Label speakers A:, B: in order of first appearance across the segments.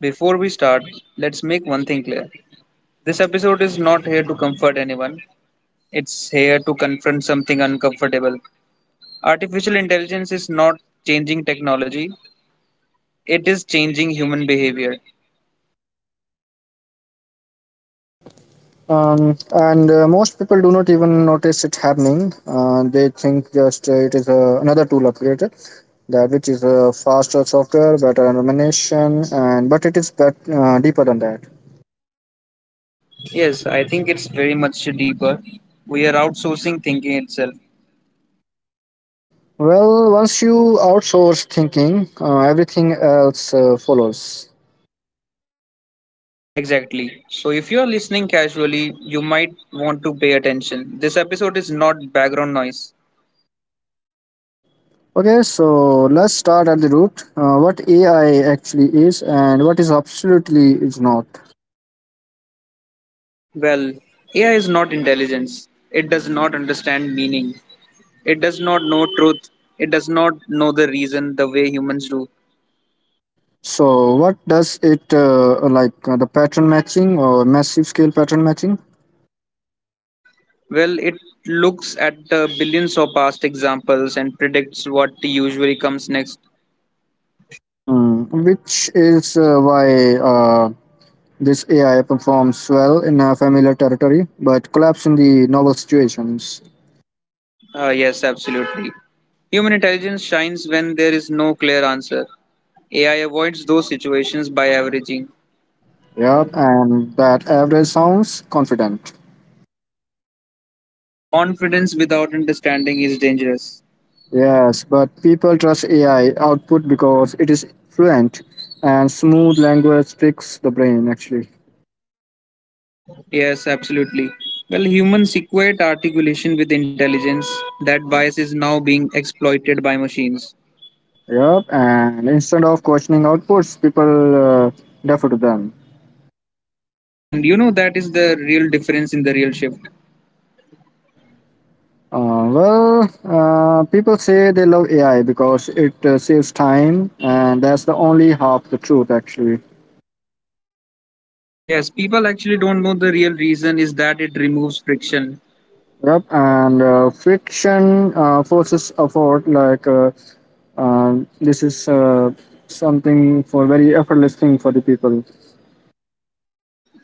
A: before we start, let's make one thing clear. This episode is not here to comfort anyone. It's here to confront something uncomfortable. Artificial intelligence is not changing technology. It is changing human behavior.
B: And most people do not even notice it happening. They think just it is another tool upgraded, that which is a faster software, better illumination, and but it is deeper than that.
A: Yes, I think it's very much deeper. We are outsourcing thinking itself.
B: Well, once you outsource thinking, everything else follows.
A: Exactly. So if you are listening casually, you might want to pay attention. This episode is not background noise.
B: Okay, so let's start at the root. What AI actually is and what is absolutely is not.
A: Well, AI is not intelligence. It does not understand meaning. It does not know truth. It does not know the reason the way humans do.
B: So, what does it the pattern matching or massive scale pattern matching?
A: Well, it looks at the billions of past examples and predicts what usually comes next.
B: Hmm. Which is why this AI performs well in a familiar territory, but collapse in the novel situations.
A: Yes, absolutely. Human intelligence shines when there is no clear answer. AI avoids those situations by averaging.
B: Yep, and that average sounds confident.
A: Confidence without understanding is dangerous.
B: Yes, but people trust AI output because it is fluent and smooth language tricks the brain actually.
A: Yes, absolutely. Well, humans equate articulation with intelligence. That bias is now being exploited by machines.
B: Yep, and instead of questioning outputs, people uh, defer to them.
A: And that is the real difference in the real shift.
B: People say they love AI because it saves time, and that's the only half the truth, actually.
A: Yes, people actually don't know the real reason is that it removes friction.
B: Yep, and friction forces effort. Like this is something for very effortless thing for the people.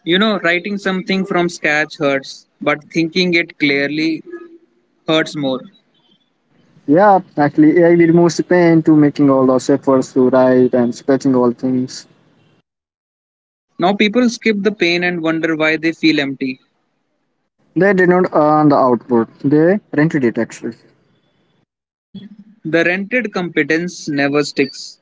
A: Writing something from scratch hurts, but thinking it clearly hurts more.
B: Yeah, actually, AI removes the pain to making all those efforts to write and scratching all things.
A: Now, people skip the pain and wonder why they feel empty.
B: They did not earn the output; they rented it actually.
A: The rented competence never sticks.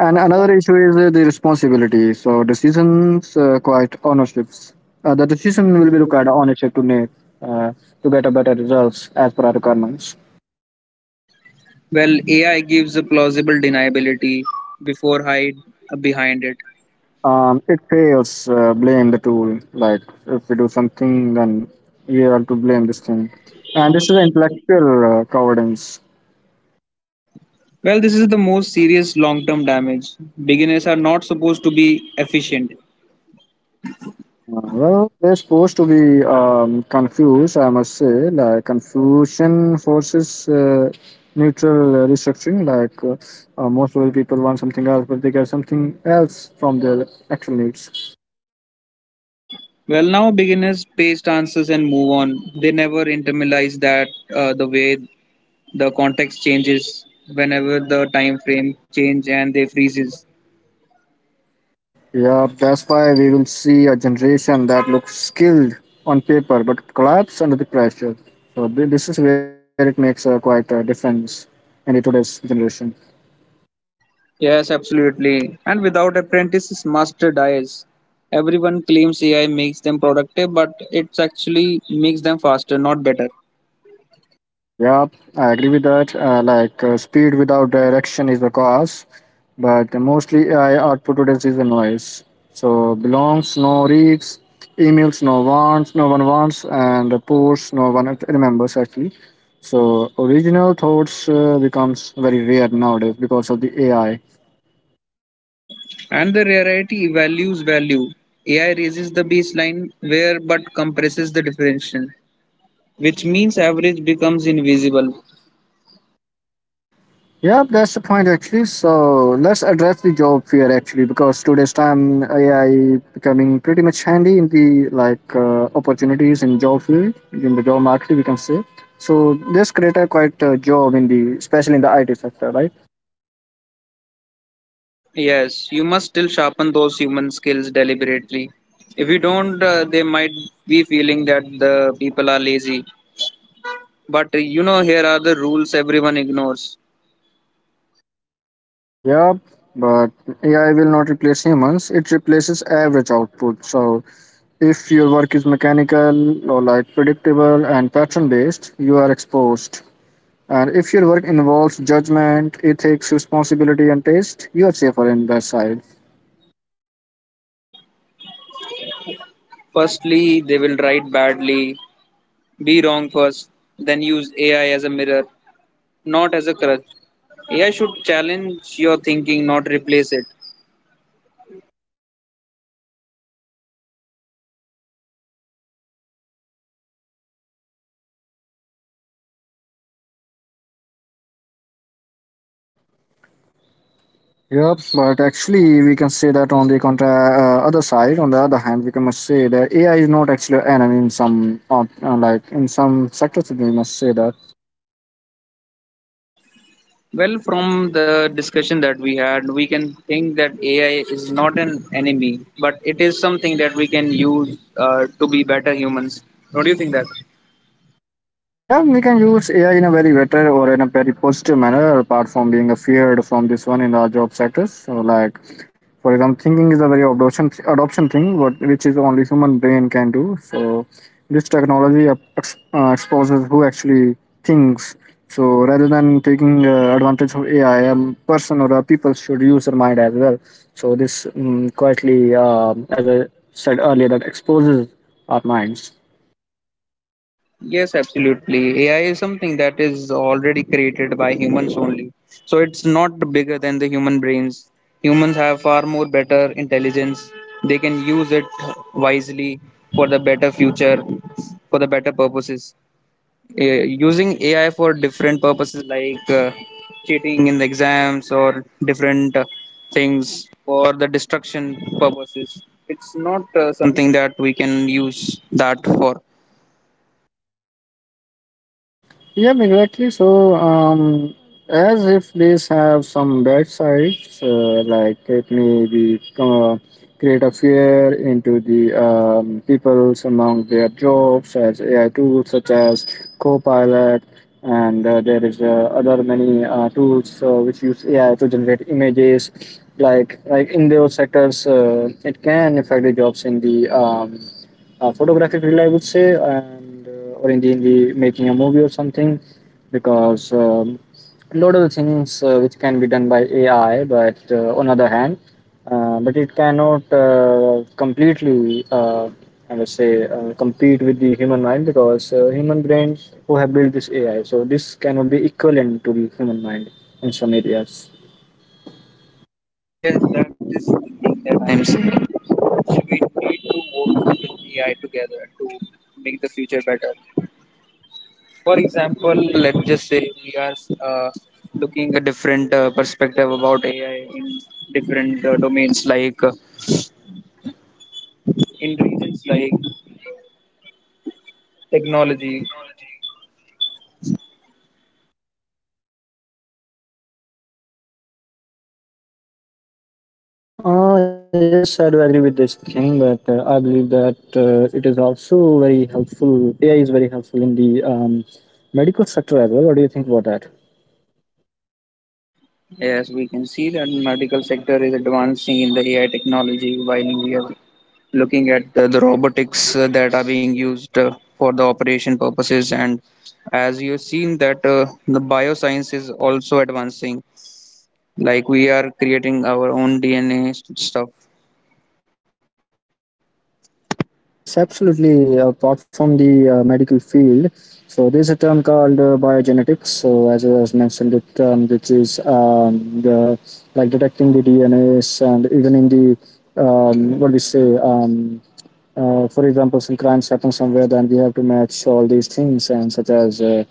B: And another issue is the responsibility. So decisions, quite ownerships. The decision will be required ownership to make uh, to get a better results as per our requirements.
A: Well, AI gives a plausible deniability before hide behind it.
B: It fails, blame the tool. Like if we do something, then you are to blame this thing. And this is intellectual cowardice.
A: Well, this is the most serious long-term damage. Beginners are not supposed to be efficient.
B: Well, they're supposed to be confused, I must say. Like confusion forces neutral restructuring. Most of the people want something else, but they get something else from their actual needs.
A: Well, now beginners paste answers and move on. They never internalize that the way the context changes whenever the time frame change and they freezes.
B: Yeah, that's why we will see a generation that looks skilled on paper but collapse under the pressure. So this is where it makes a quite a difference in the today's generation.
A: Yes, absolutely. And without apprentices, master dies. Everyone claims AI makes them productive, but it's actually makes them faster, not better.
B: Yeah, I agree with that. Speed without direction is a cause, but mostly AI output today is a noise. So belongs, no reads, emails, no wants, no one wants, and posts, no one remembers actually. So original thoughts becomes very rare nowadays because of the AI.
A: And the rarity values value. AI raises the baseline where but compresses the differential, which means average becomes invisible.
B: Yep, that's the point actually. So let's address the job fear actually, because today's time AI becoming pretty much handy in the opportunities in job field in the job market we can say. So this create a quite job in the especially in the IT sector, right?
A: Yes, you must still sharpen those human skills deliberately. If you don't, they might be feeling that the people are lazy. But here are the rules everyone ignores.
B: Yep, but AI will not replace humans. It replaces average output. So if your work is mechanical or like predictable and pattern based, you are exposed. And if your work involves judgment, ethics, responsibility, and taste, you are safer in that side.
A: Firstly, they will write badly, be wrong first, then use AI as a mirror, not as a crutch. AI should challenge your thinking, not replace it.
B: Yep, but actually, we can say that on the contra other side. On the other hand, we can must say that AI is not actually an enemy in some like in some sectors. We must say that.
A: Well, from the discussion that we had, we can think that AI is not an enemy, but it is something that we can use to be better humans. Don't you think that?
B: Yeah, we can use AI in a very better or in a very positive manner, apart from being feared from this one in our job sectors. So, like, for example, thinking is a very adoption thing, what which is only human brain can do. So, this technology exposes who actually thinks. So, rather than taking advantage of AI, a person or a people should use their mind as well. So, this quietly, as I said earlier, that exposes our minds.
A: Yes, absolutely. AI is something that is already created by humans only. So it's not bigger than the human brains. Humans have far more better intelligence. They can use it wisely for the better future, for the better purposes. Using AI for different purposes, like cheating in the exams or different things for the destruction purposes. It's not something that we can use that for.
B: Yep, exactly. So, as if these have some bad sides, like it may be create a fear into the peoples among their jobs as AI tools such as Copilot, and there is other many tools which use AI to generate images. Like in those sectors, it can affect the jobs in the photographic reel, I would say, and or in the making a movie or something, because a lot of the things which can be done by AI, but on other hand, but it cannot completely, I would say, compete with the human mind because human brains who have built this AI, so this cannot be equivalent to the human mind in some areas.
A: Yes, that is the thing that I'm saying. We need to work with AI together to make the future better. For example, let's just say we are uh, looking a different perspective about AI in different domains, like in regions like technology.
B: Yes, I do agree with this thing, but I believe that it is also very helpful. AI is very helpful in the medical sector as well. What do you think about that?
A: Yes, we can see that medical sector is advancing in the AI technology, while we are looking at the robotics that are being used for the operation purposes, and as you've seen that the bioscience is also advancing, like we are creating our own DNA stuff.
B: Yes, absolutely. Apart from the medical field, so there's a term called biogenetics. So as I was mentioned, the term which is the like detecting the DNAs and even in the what we say? For example, some crimes happen somewhere, then we have to match all these things and such as uh,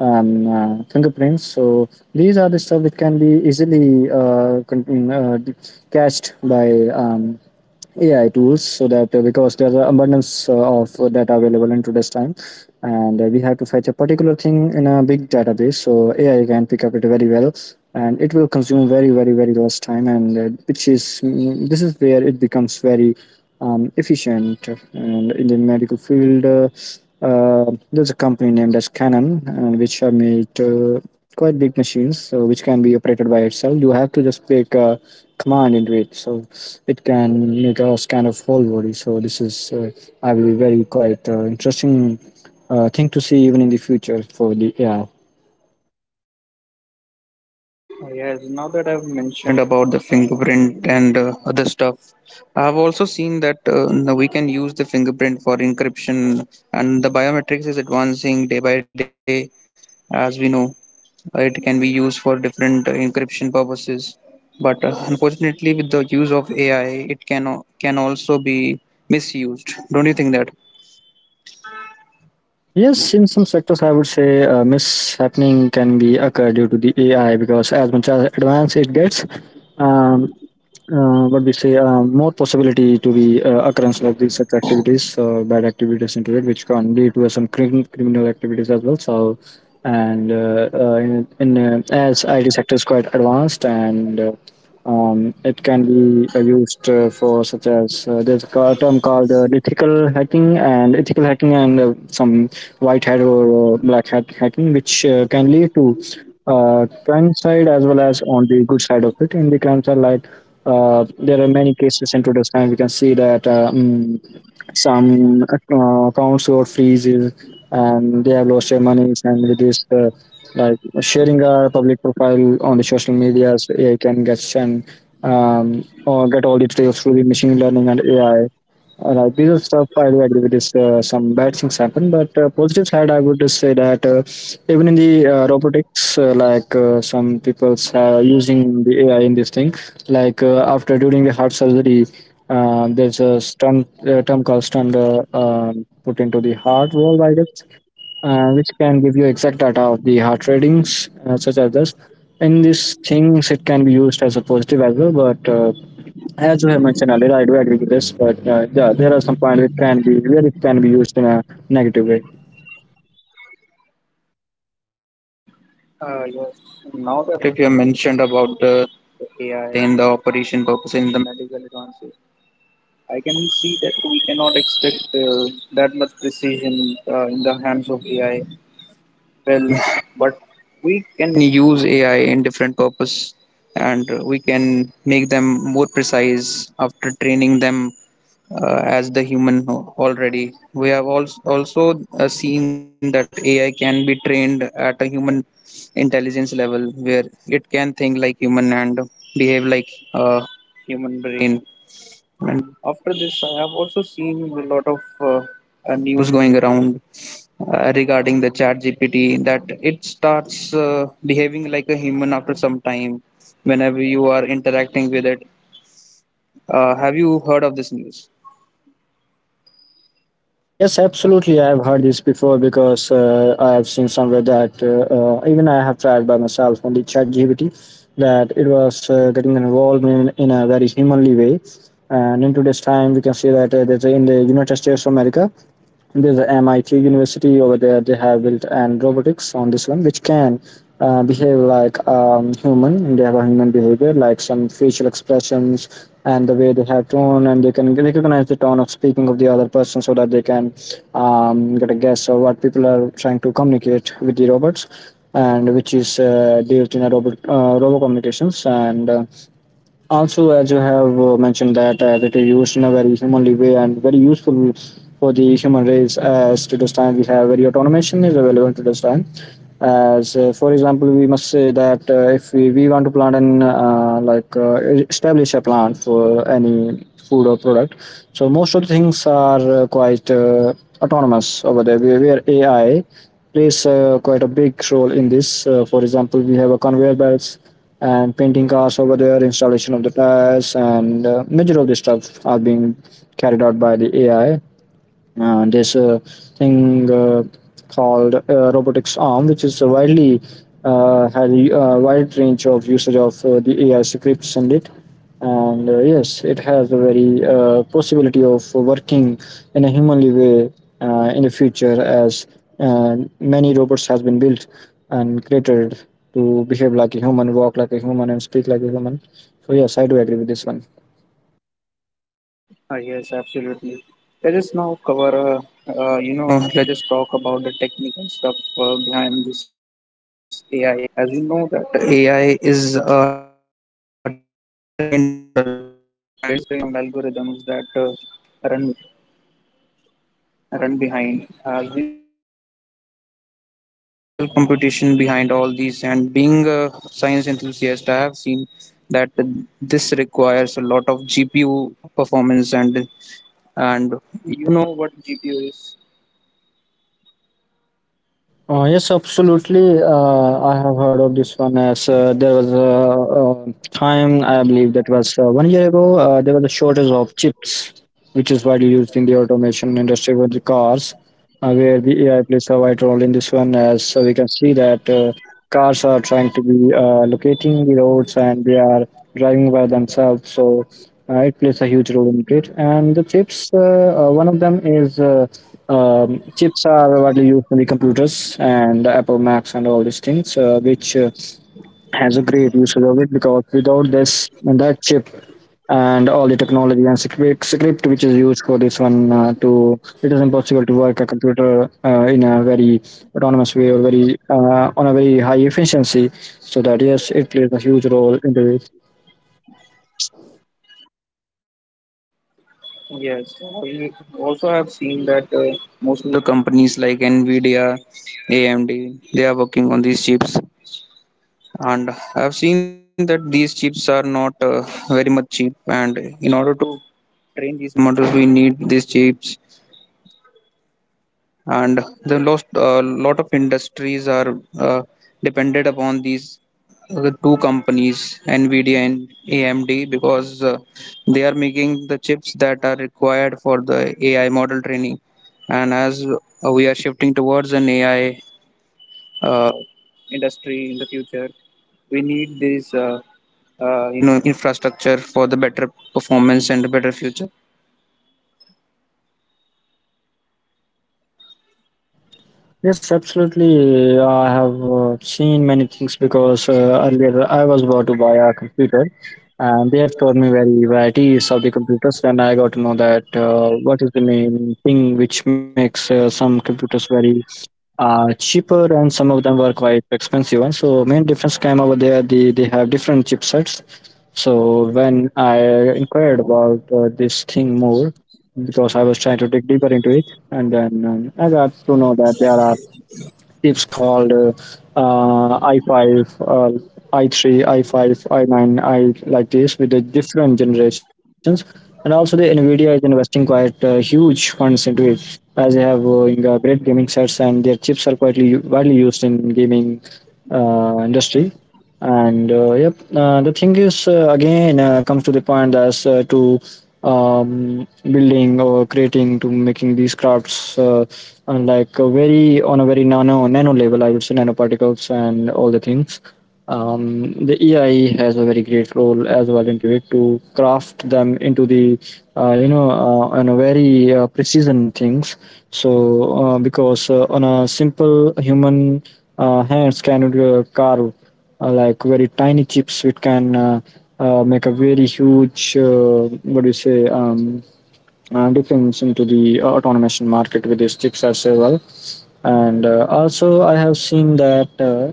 B: um, uh, fingerprints. So these are the stuff which can be easily catched by AI tools so that because there's an abundance of data available in today's time, and we have to fetch a particular thing in a big database. So AI can pick up it very well, and it will consume very, very, very less time, and which is this is where it becomes very efficient. And in the medical field, there's a company named as Canon, and which have made. Quite big machines so which can be operated by itself. You have to just make a command into it, so it can make a scan of whole body. So this is I believe very quite interesting thing to see even in the future for the AI.
A: Oh, yes, now that I've mentioned about the fingerprint and other stuff, I've also seen that now we can use the fingerprint for encryption, and the biometrics is advancing day by day. As we know, it can be used for different encryption purposes. But unfortunately, with the use of AI, it can also be misused. Don't you think that?
B: Yes, in some sectors I would say mishappening can be occur due to the AI, because as much as advanced it gets, um, what we say more possibility to be occurrence of these such activities, bad activities into it, which can lead to some criminal activities as well. So and uh, uh, in, in uh, as IT sector is quite advanced and it can be used for such as there's a term called ethical hacking, and some white hat or black hat hacking, which can lead to crime side as well as on the good side of it. In the crime side, there are many cases into this time. We can see that some accounts got freezes and they have lost their monies. And with this, like sharing our public profile on the social medias, AI can get and or get all the details through the machine learning and AI. Right, these are stuff I do agree with. This some bad things happen, but positive side I would just say that even in the robotics, some people's using the AI in this thing, after during the heart surgery, there's a stunt term called stunt put into the heart valve, I guess, which can give you exact data of the heart ratings, such as this. In these things, it can be used as a positive as well. But as we have mentioned earlier, I do agree with this. But yeah, there are some points it can be where it can be used in a negative way.
A: Yes. Now that if you have mentioned about the AI in the operation purpose in the medical advances. I can see that we cannot expect that much precision in the hands of AI. Well, but we can use AI in different purpose, and we can make them more precise after training them as the human already. We have also seen that AI can be trained at a human intelligence level where it can think like human and behave like a human brain. And after this, I have also seen a lot of news going around regarding the chat GPT that it starts behaving like a human after some time whenever you are interacting with it. Have you heard of this news?
B: Yes, absolutely. I have heard this before because I have seen somewhere that even I have tried by myself on the ChatGPT that it was getting involved in a very humanly way. And in today's time, we can see that there's in the United States of America, there's a MIT University over there. They have built and robotics on this one, which can behave like human. They have a human behavior, like some facial expressions and the way they have tone, and they can recognize the tone of speaking of the other person, so that they can get a guess of what people are trying to communicate with the robots, and which is dealt in a robo communications and. Also, as you have mentioned that it is used in a very humanly way and very useful for the human race, as today's time we have, very automation is available today's time. As, for example, we must say that, if we want to plant an like establish a plant for any food or product, so most of the things are quite autonomous over there, where ai plays quite a big role in this. Uh, for example, we have a conveyor belts and painting cars over there, installation of the tires, and major of the stuff are being carried out by the AI. Uh, there's a thing called robotics arm, which is widely had a wide range of usage of the AI scripts in it. And yes, it has a very possibility of working in a humanly way in the future, as many robots has been built and created to behave like a human, walk like a human, and speak like a human. So yes, I do agree with this one.
A: Ah, yes, absolutely. Let us now cover, uh, uh, you know, let us talk about the technical stuff behind this AI. As you know, that AI is a trained model and it is trained on some algorithms that run behind. As we know that there is a mathematical computation behind all these, and being a science enthusiast, I have seen that this requires a lot of GPU performance, and you know what GPU is.
B: Yes, absolutely. I have heard of this one. As There was a time, I believe that was one year ago. There was a shortage of chips, which is widely used in the automation industry with the cars, where the AI plays a vital role in this one. As so we can see that cars are trying to be locating the roads and they are driving by themselves. So it plays a huge role in it. And the chips, one of them is chips are widely used in the computers and Apple Macs and all these things, which has a great usage of it, because without this and that chip and all the technology and script which is used for this one to it is impossible to work a computer in a very autonomous way or very on a very high efficiency. So that, yes, it plays a huge role in the.
A: Yes, we also have seen that most of the companies like Nvidia, AMD, they are working on these chips, and I've seen that these chips are not very much cheap, and in order to train these models we need these chips, and the lost a lot of industries are uh, dependent upon these two companies, Nvidia and AMD, because they are making the chips that are required for the AI model training. And as we are shifting towards an AI uh, industry in the future, we need these infrastructure for the better performance and a better future.
B: Yes, absolutely. I have seen many things, because earlier I was about to buy a computer, and they have showed me very varieties of the computers. Then I got to know that what is the main thing which makes some computers very cheaper, and some of them were quite expensive ones. So main difference came over there. They have different chipsets. So when I inquired about this thing more, because I was trying to dig deeper into it. And then I got to know that there are chips called i5, uh, i3, i5, i9, I nine, I like this, with the different generations. And also the nvidia is investing quite huge funds into it, as they have great gaming sets, and their chips are widely used in gaming industry. And yep, the thing is again comes to the point, as to building or creating to making these crafts on a very nano level, I would say, nanoparticles and all the things. The AI has a very great role as well into it, to craft them into the on a very precision things. So because on a simple human hands can carve like very tiny chips, it can make a very huge what do you say difference into the automation market with these chips as well. And also, I have seen that uh,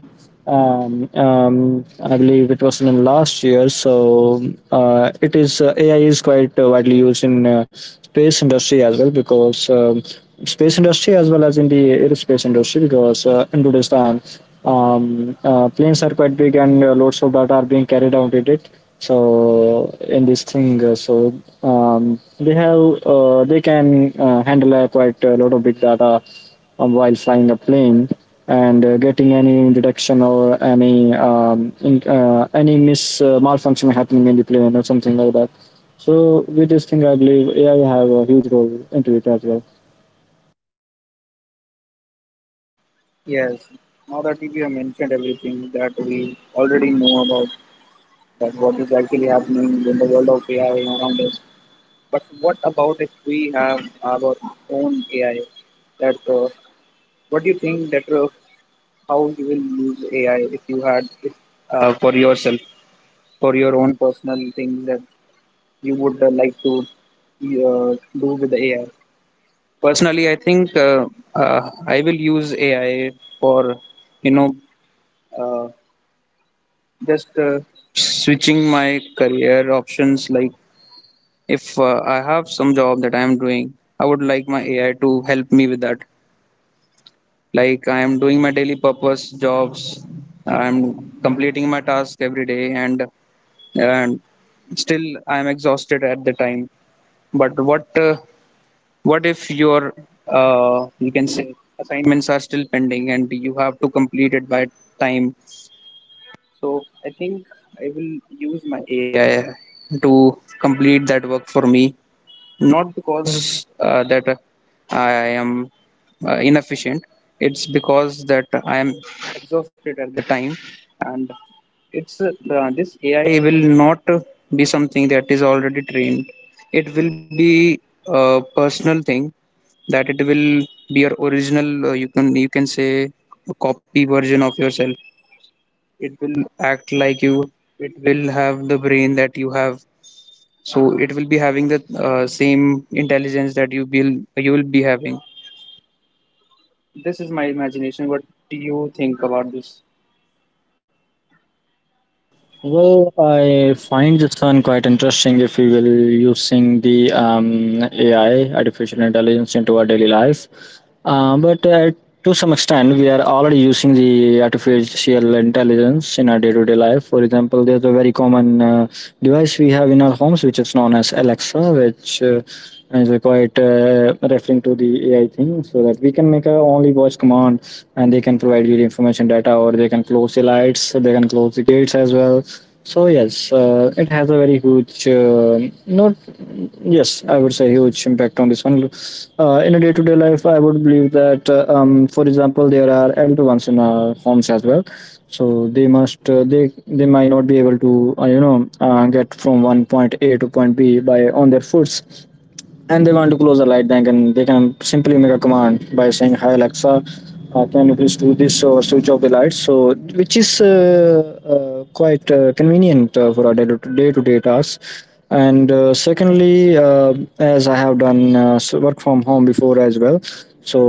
B: um, um, I believe it was in last year. So it is ai is quite widely used in space industry as well, because space industry as well as in the aerospace industry. Because in today's time planes are quite big, and loads of data are being carried out in it. So in this thing they have they can handle a quite a lot of big data while flying a plane, and getting any detection or any any mis malfunction happening in the plane or something like that. So with this thing, I believe AI have a huge role into it as well.
A: Yes. Now that you have mentioned everything that we already know about, that what is actually happening in the world of AI around us. But what about if we have our own AI? That what do you think that how you will use AI if you had if, for yourself, for your own personal things that you would like to do with the AI? Personally, I think I will use AI for you know uh, just switching my career options. Like if I have some job that I am doing, I would like my AI to help me with that. Like I am doing my daily purpose jobs, I am completing my task every day, and still I am exhausted at the time. But what if your, you can say, assignments are still pending and you have to complete it by time? So I think I will use my AI to complete that work for me, not because that I am inefficient. It's because that I am exhausted at the time, and it's this AI will not be something that is already trained. It will be a personal thing that it will be your original. You can say a copy version of yourself. It will act like you. It will have the brain that you have, so it will be having the same intelligence that you will be having. This is my imagination. What do you think about this?
B: Well, I find this one quite interesting, if we will using the AI, artificial intelligence, into our daily life. But To some extent, we are already using the artificial intelligence in our day-to-day life. For example, there's a very common device we have in our homes, which is known as Alexa, which is quite referring to the AI thing, so that we can make a only voice command, and they can provide you the information data, or they can close the lights, they can close the gates as well. So yes, it has a very huge, not yes, I would say, huge impact on this one. In a day-to-day life, I would believe that, for example, there are elder ones in our homes as well, so they must they might not be able to get from one point A to point B by on their foots, and they want to close the light bank, and they can simply make a command by saying, hi Alexa, can you please do this, or switch off the lights. So which is quite convenient for our day to day tasks. And secondly, as I have done work from home before as well. So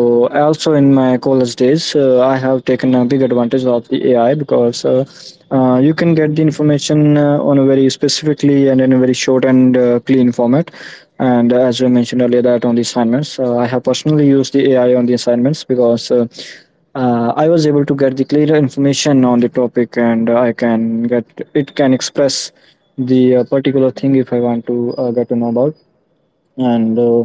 B: also in my college days, I have taken a big advantage of the ai, because you can get the information on a very specifically, and in a very short and clean format. And as we mentioned earlier, that on the assignments, I have personally used the ai on the assignments, because I was able to get the clearer information on the topic. And I can get, it can express the particular thing if I want to get to know about. And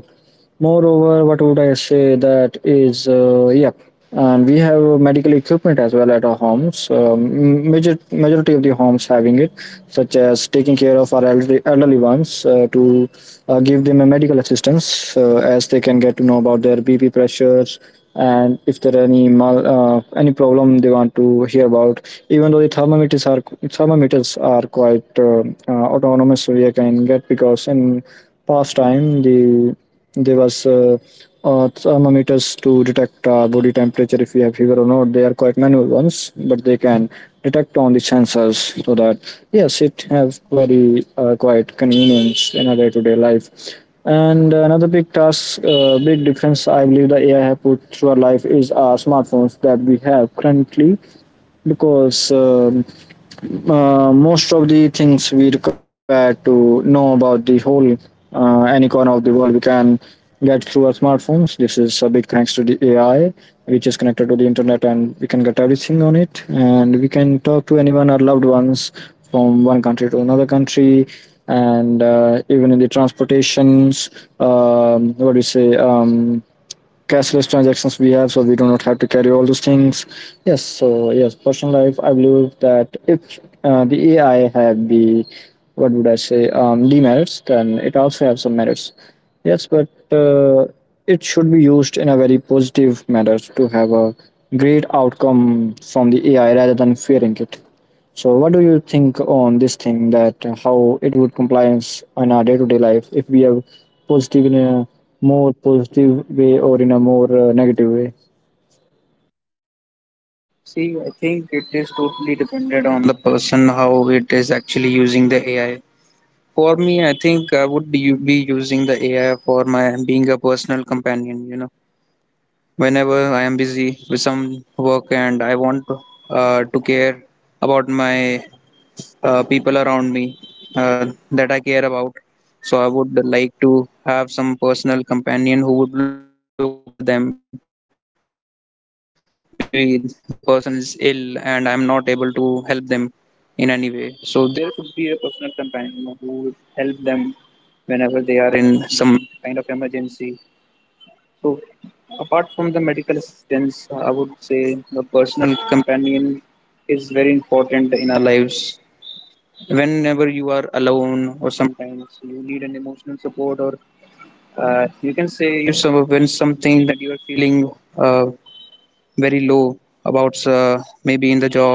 B: moreover, what would I say, that is yep. And we have medical equipment as well at our homes. Majority of the homes having it, such as taking care of our elderly ones, to give them a medical assistance, as they can get to know about their bp pressures. And if there are any problem they want to hear about. Even though the thermometers are quite autonomous, so we can get, because in past time the there was thermometers to detect body temperature if we have fever or not, they are quite manual ones, but they can detect on the sensors. So that yes, it have very quite convenience in our day-to-day life. And another big task, big difference I believe the ai have put through our life is our smartphones that we have currently. Because most of the things we require to know about the whole any corner of the world, we can get through our smartphones. This is a big thanks to the AI, which is connected to the internet, and we can get everything on it. And we can talk to anyone, our loved ones, from one country to another country, and even in the transportations. What do you say? Cashless transactions we have, so we do not have to carry all those things. Yes, so yes, personal life, I believe that if the ai have the, what would I say, demerits, then it also have some merits. Yes, but it should be used in a very positive manner to have a great outcome from the ai, rather than fearing it. So, what do you think on this thing, that how it would compliance on our day-to-day life, if we have positive in a more positive way or in a more negative way?
A: See, I think it is totally dependent on the person how it is actually using the AI. For me, I think I would be using the AI for my being a personal companion, you know, whenever I am busy with some work and I want to care about my people around me that I care about. So I would like to have some personal companion who would look after them. Maybe the person is ill and I'm not able to help them in any way. So there should be a personal companion, you know, who would help them whenever they are in some kind of emergency. So apart from the medical assistance, I would say the personal companion is very important in our lives, whenever you are alone or sometimes you need an emotional support, or you can say you some when something that you are feeling uh, very low about, maybe in the job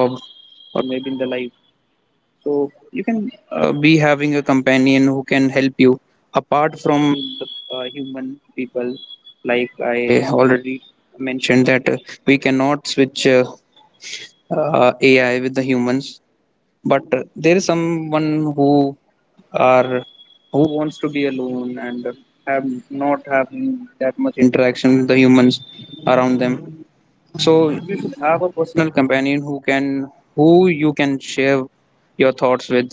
A: or maybe in the life, so you can be having a companion who can help you apart from the human people. Like I already mentioned that we cannot switch AI with the humans, but there is someone who are who wants to be alone and have not have that much interaction with the humans around them. So you should have a personal companion who can who you can share your thoughts with,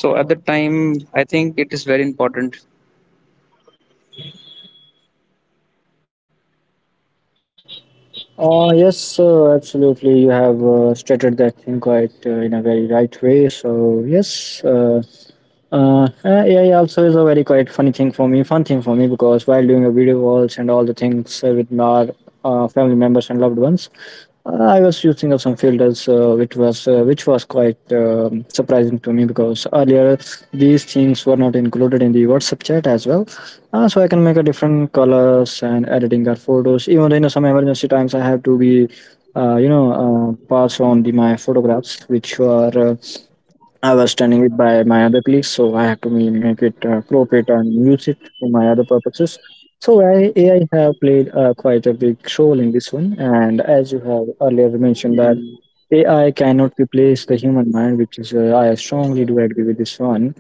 A: so at that time I think it is very important.
B: Yes, absolutely. You have stated that thing quite in a very right way. So, yes, AI also is a very quite fun thing for me, because while doing a video calls and all the things with our family members and loved ones, i was using of some filters, which was quite surprising to me, because earlier these things were not included in the WhatsApp chat as well. So I can make a different colors and editing our photos. Even though you know, some emergency times I have to be, pass on the my photographs, which were I was turning it by my other colleagues, so I have to make it appropriate and use it for my other purposes. So I, AI have played quite a big role in this one. And as you have earlier mentioned that AI cannot replace the human mind, which is I strongly do agree with this one.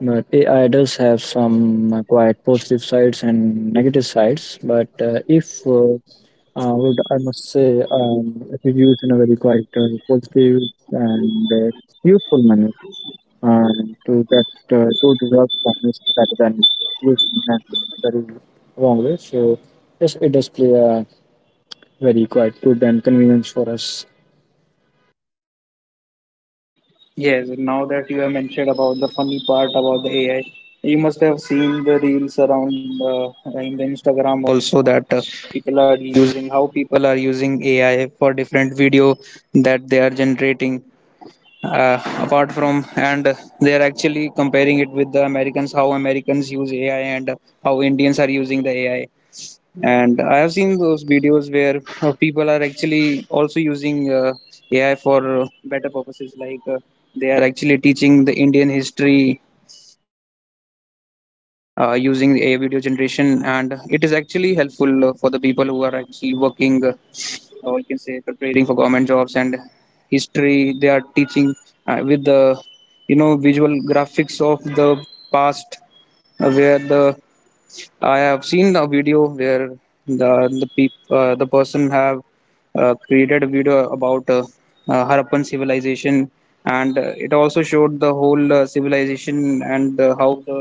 B: But AI does have some quite positive sides and negative sides. But if I must say, if we use in a very quite positive and useful manner and to develop families rather than using and very wrong way. So yes, it does play a very quite good and convenience for us.
A: Yes, now that you have mentioned about the funny part about the AI, you must have seen the reels around, in the Instagram also, that people are using how people are using AI for different video that they are generating. Apart from and they are actually comparing it with the Americans, how Americans use AI and how Indians are using the AI, and I have seen those videos where people are actually also using AI for better purposes, like they are actually teaching the Indian history using the AI video generation, and it is actually helpful for the people who are actually working, or you can say preparing for government jobs, and history they are teaching with the visual graphics of the past, where the I have seen a video where the person have created a video about Harappan civilization, and it also showed the whole civilization and how the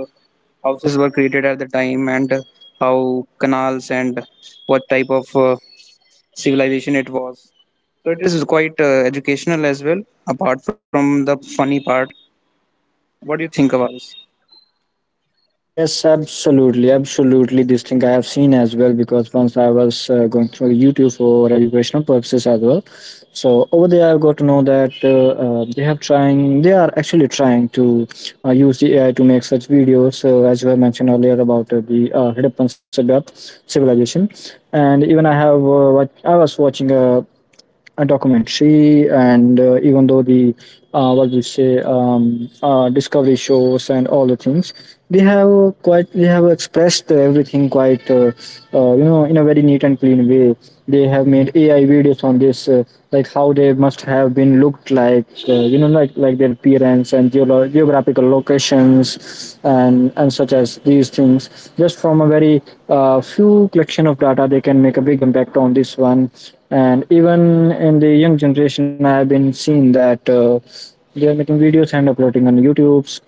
A: houses were created at the time, and how canals and what type of civilization it was. So it is quite educational as well, apart from the funny part. What do you think about this?
B: Yes, absolutely, absolutely. This thing I have seen as well because once I was going through YouTube for educational purposes as well. So over there, I got to know that they are actually trying to use the AI to make such videos. So as I mentioned earlier about the civilization, and even I have what I was watching a documentary, and even though the what we say Discovery shows and all the things, they have they have expressed everything quite in a very neat and clean way. They have made AI videos on this, like how they must have been looked like, like their appearance and geographical locations, and such as these things just from a very few collection of data they can make a big impact on this one. And even in the young generation I have been seeing that they are making videos and uploading on YouTube's.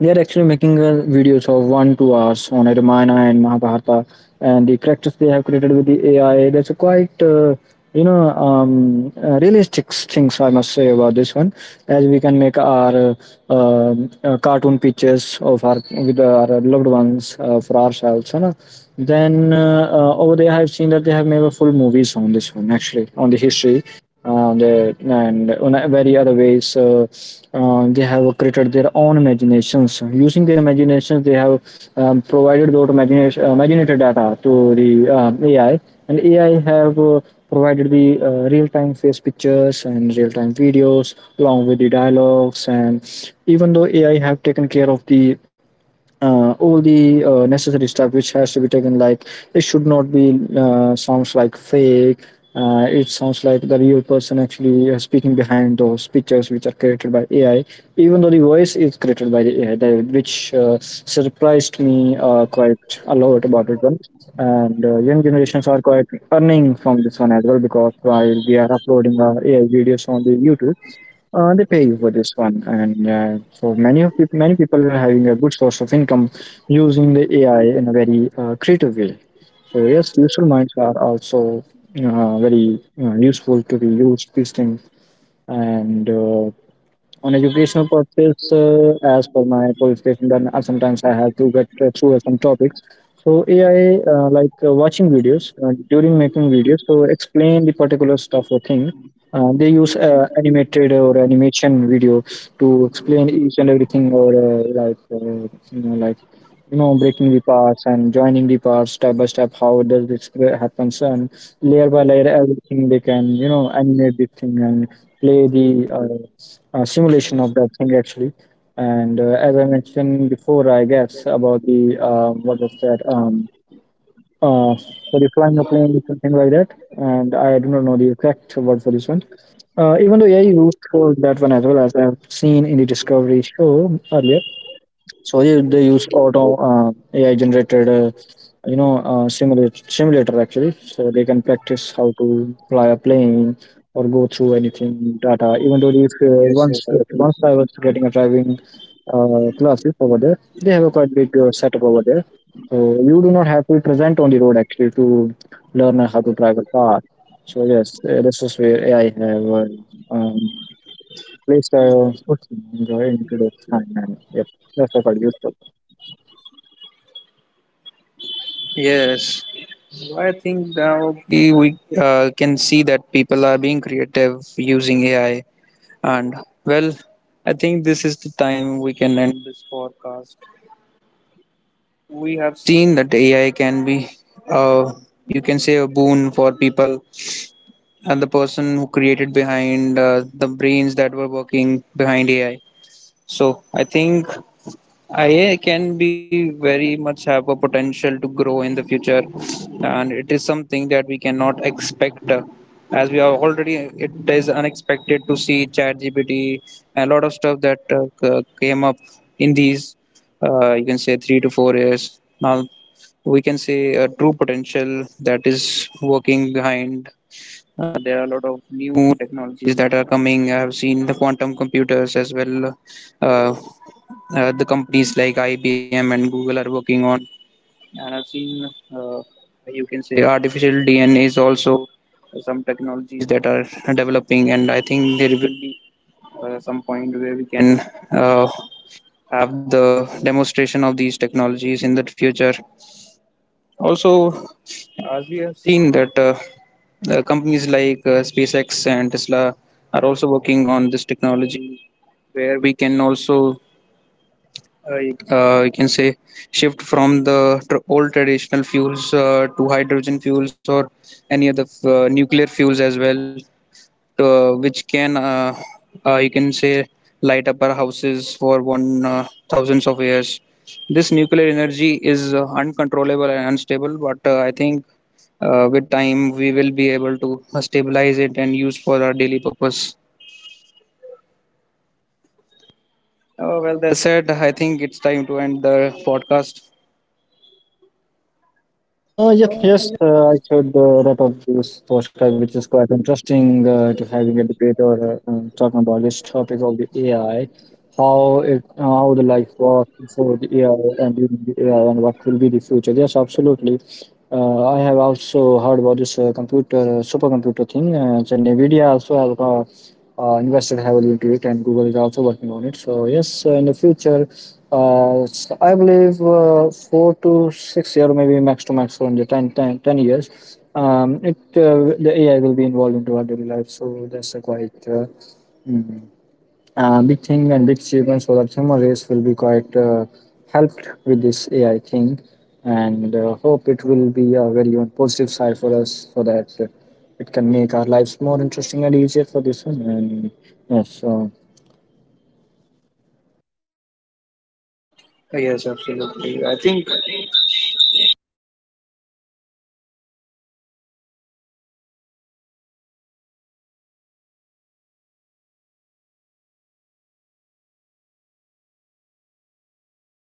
B: They are actually making videos of one, 2 hours on Ramayana and Mahabharata, and the characters they have created with the AI. That's a quite, realistic things, I must say about this one, as we can make our cartoon pictures of our with our loved ones for ourselves. You know? Then over there, I have seen that they have made a full movies on this one, actually on the history. And in very other ways, they have created their own imaginations. Using their imaginations, they have provided those imagination imaginated data to the AI, and AI have provided the real-time face pictures and real-time videos along with the dialogues. And even though AI have taken care of the all the necessary stuff which has to be taken, like it should not be sounds like fake. It sounds like the real person actually speaking behind those pictures, which are created by AI. Even though the voice is created by the AI, which surprised me quite a lot about it one. And young generations are quite earning from this one as well, because while we are uploading our AI videos on the YouTube, they pay you for this one, and many people are having a good source of income using the AI in a very creative way. So yes, useful minds are also very useful to be used. These things, and on educational purpose, as per my qualification, then sometimes I have to get through some topics, so AI, like watching videos, during making videos, so explain the particular stuff or thing. They use animated or animation video to explain each and everything, or like like breaking the parts and joining the parts step by step, how does this happens. And layer by layer everything they can animate this thing and play the uh, simulation of that thing, actually. And as I mentioned before, I guess, about the what was that? Uh, for the flying a plane, something like that. And I do not know the exact word for this one. Even though AI used for that one as well, as I've seen in the Discovery show earlier. So they use auto AI generated, simulate simulator, actually, so they can practice how to fly a plane or go through anything data. Even though, if
A: Yes,
B: once,
A: yes, absolutely.
B: I was getting a driving classes, over there they have a quite big setup over there. So you do not have to be present on the road actually to learn how to drive a car. So yes, this is where AI have um, placed a in today's time. And yep, that's quite useful.
A: Yes. So I think now we can see that people are being creative using AI. And well, I think this is the time we can end this podcast. We have seen that AI can be, uh, you can say, a boon for people and the person who created behind, the brains that were working behind AI. So I think AI can be very much have a potential to grow in the future, and it is something that we cannot expect. As we are already, it is unexpected to see ChatGPT, a lot of stuff that came up in these, you can say, 3 to 4 years. Now we can say a true potential that is working behind. There are a lot of new technologies that are coming. I have seen the quantum computers as well. Uh, the companies like IBM and Google are working on. And I've seen, uh, you can say, artificial DNA is also some technologies that are developing. And I think there will be some point where we can uh, have the demonstration of these technologies in the future. Also, as we have seen that companies like SpaceX and Tesla are also working on this technology, where we can also you can say shift from the old traditional fuels, to hydrogen fuels or any other nuclear fuels as well, to which can you can say light up our houses for one thousands of years. This nuclear energy is uncontrollable and unstable, but I think with time we will be able to stabilize it and use for our daily purpose. Well, that said, I think it's time to end the podcast.
B: Yep, yes, I should wrap up this podcast, which is quite interesting to having a debate, or talking about this topic of the AI, how the life was before the AI and during the AI, and what will be the future. Yes, absolutely. I have also heard about this computer supercomputer thing. So Nvidia also have invested heavily into it, and Google is also working on it. So yes, in the future, I believe 4 to 6 year, maybe max to max, on the 10 years, it the AI will be involved into our daily life. So that's a quite. Mm, Big thing and big achievement for the human race, will be quite helped with this AI thing, and hope it will be a very on positive side for us, so that it can make our lives more interesting and easier for this one. And yes, so
A: Yes, absolutely. I think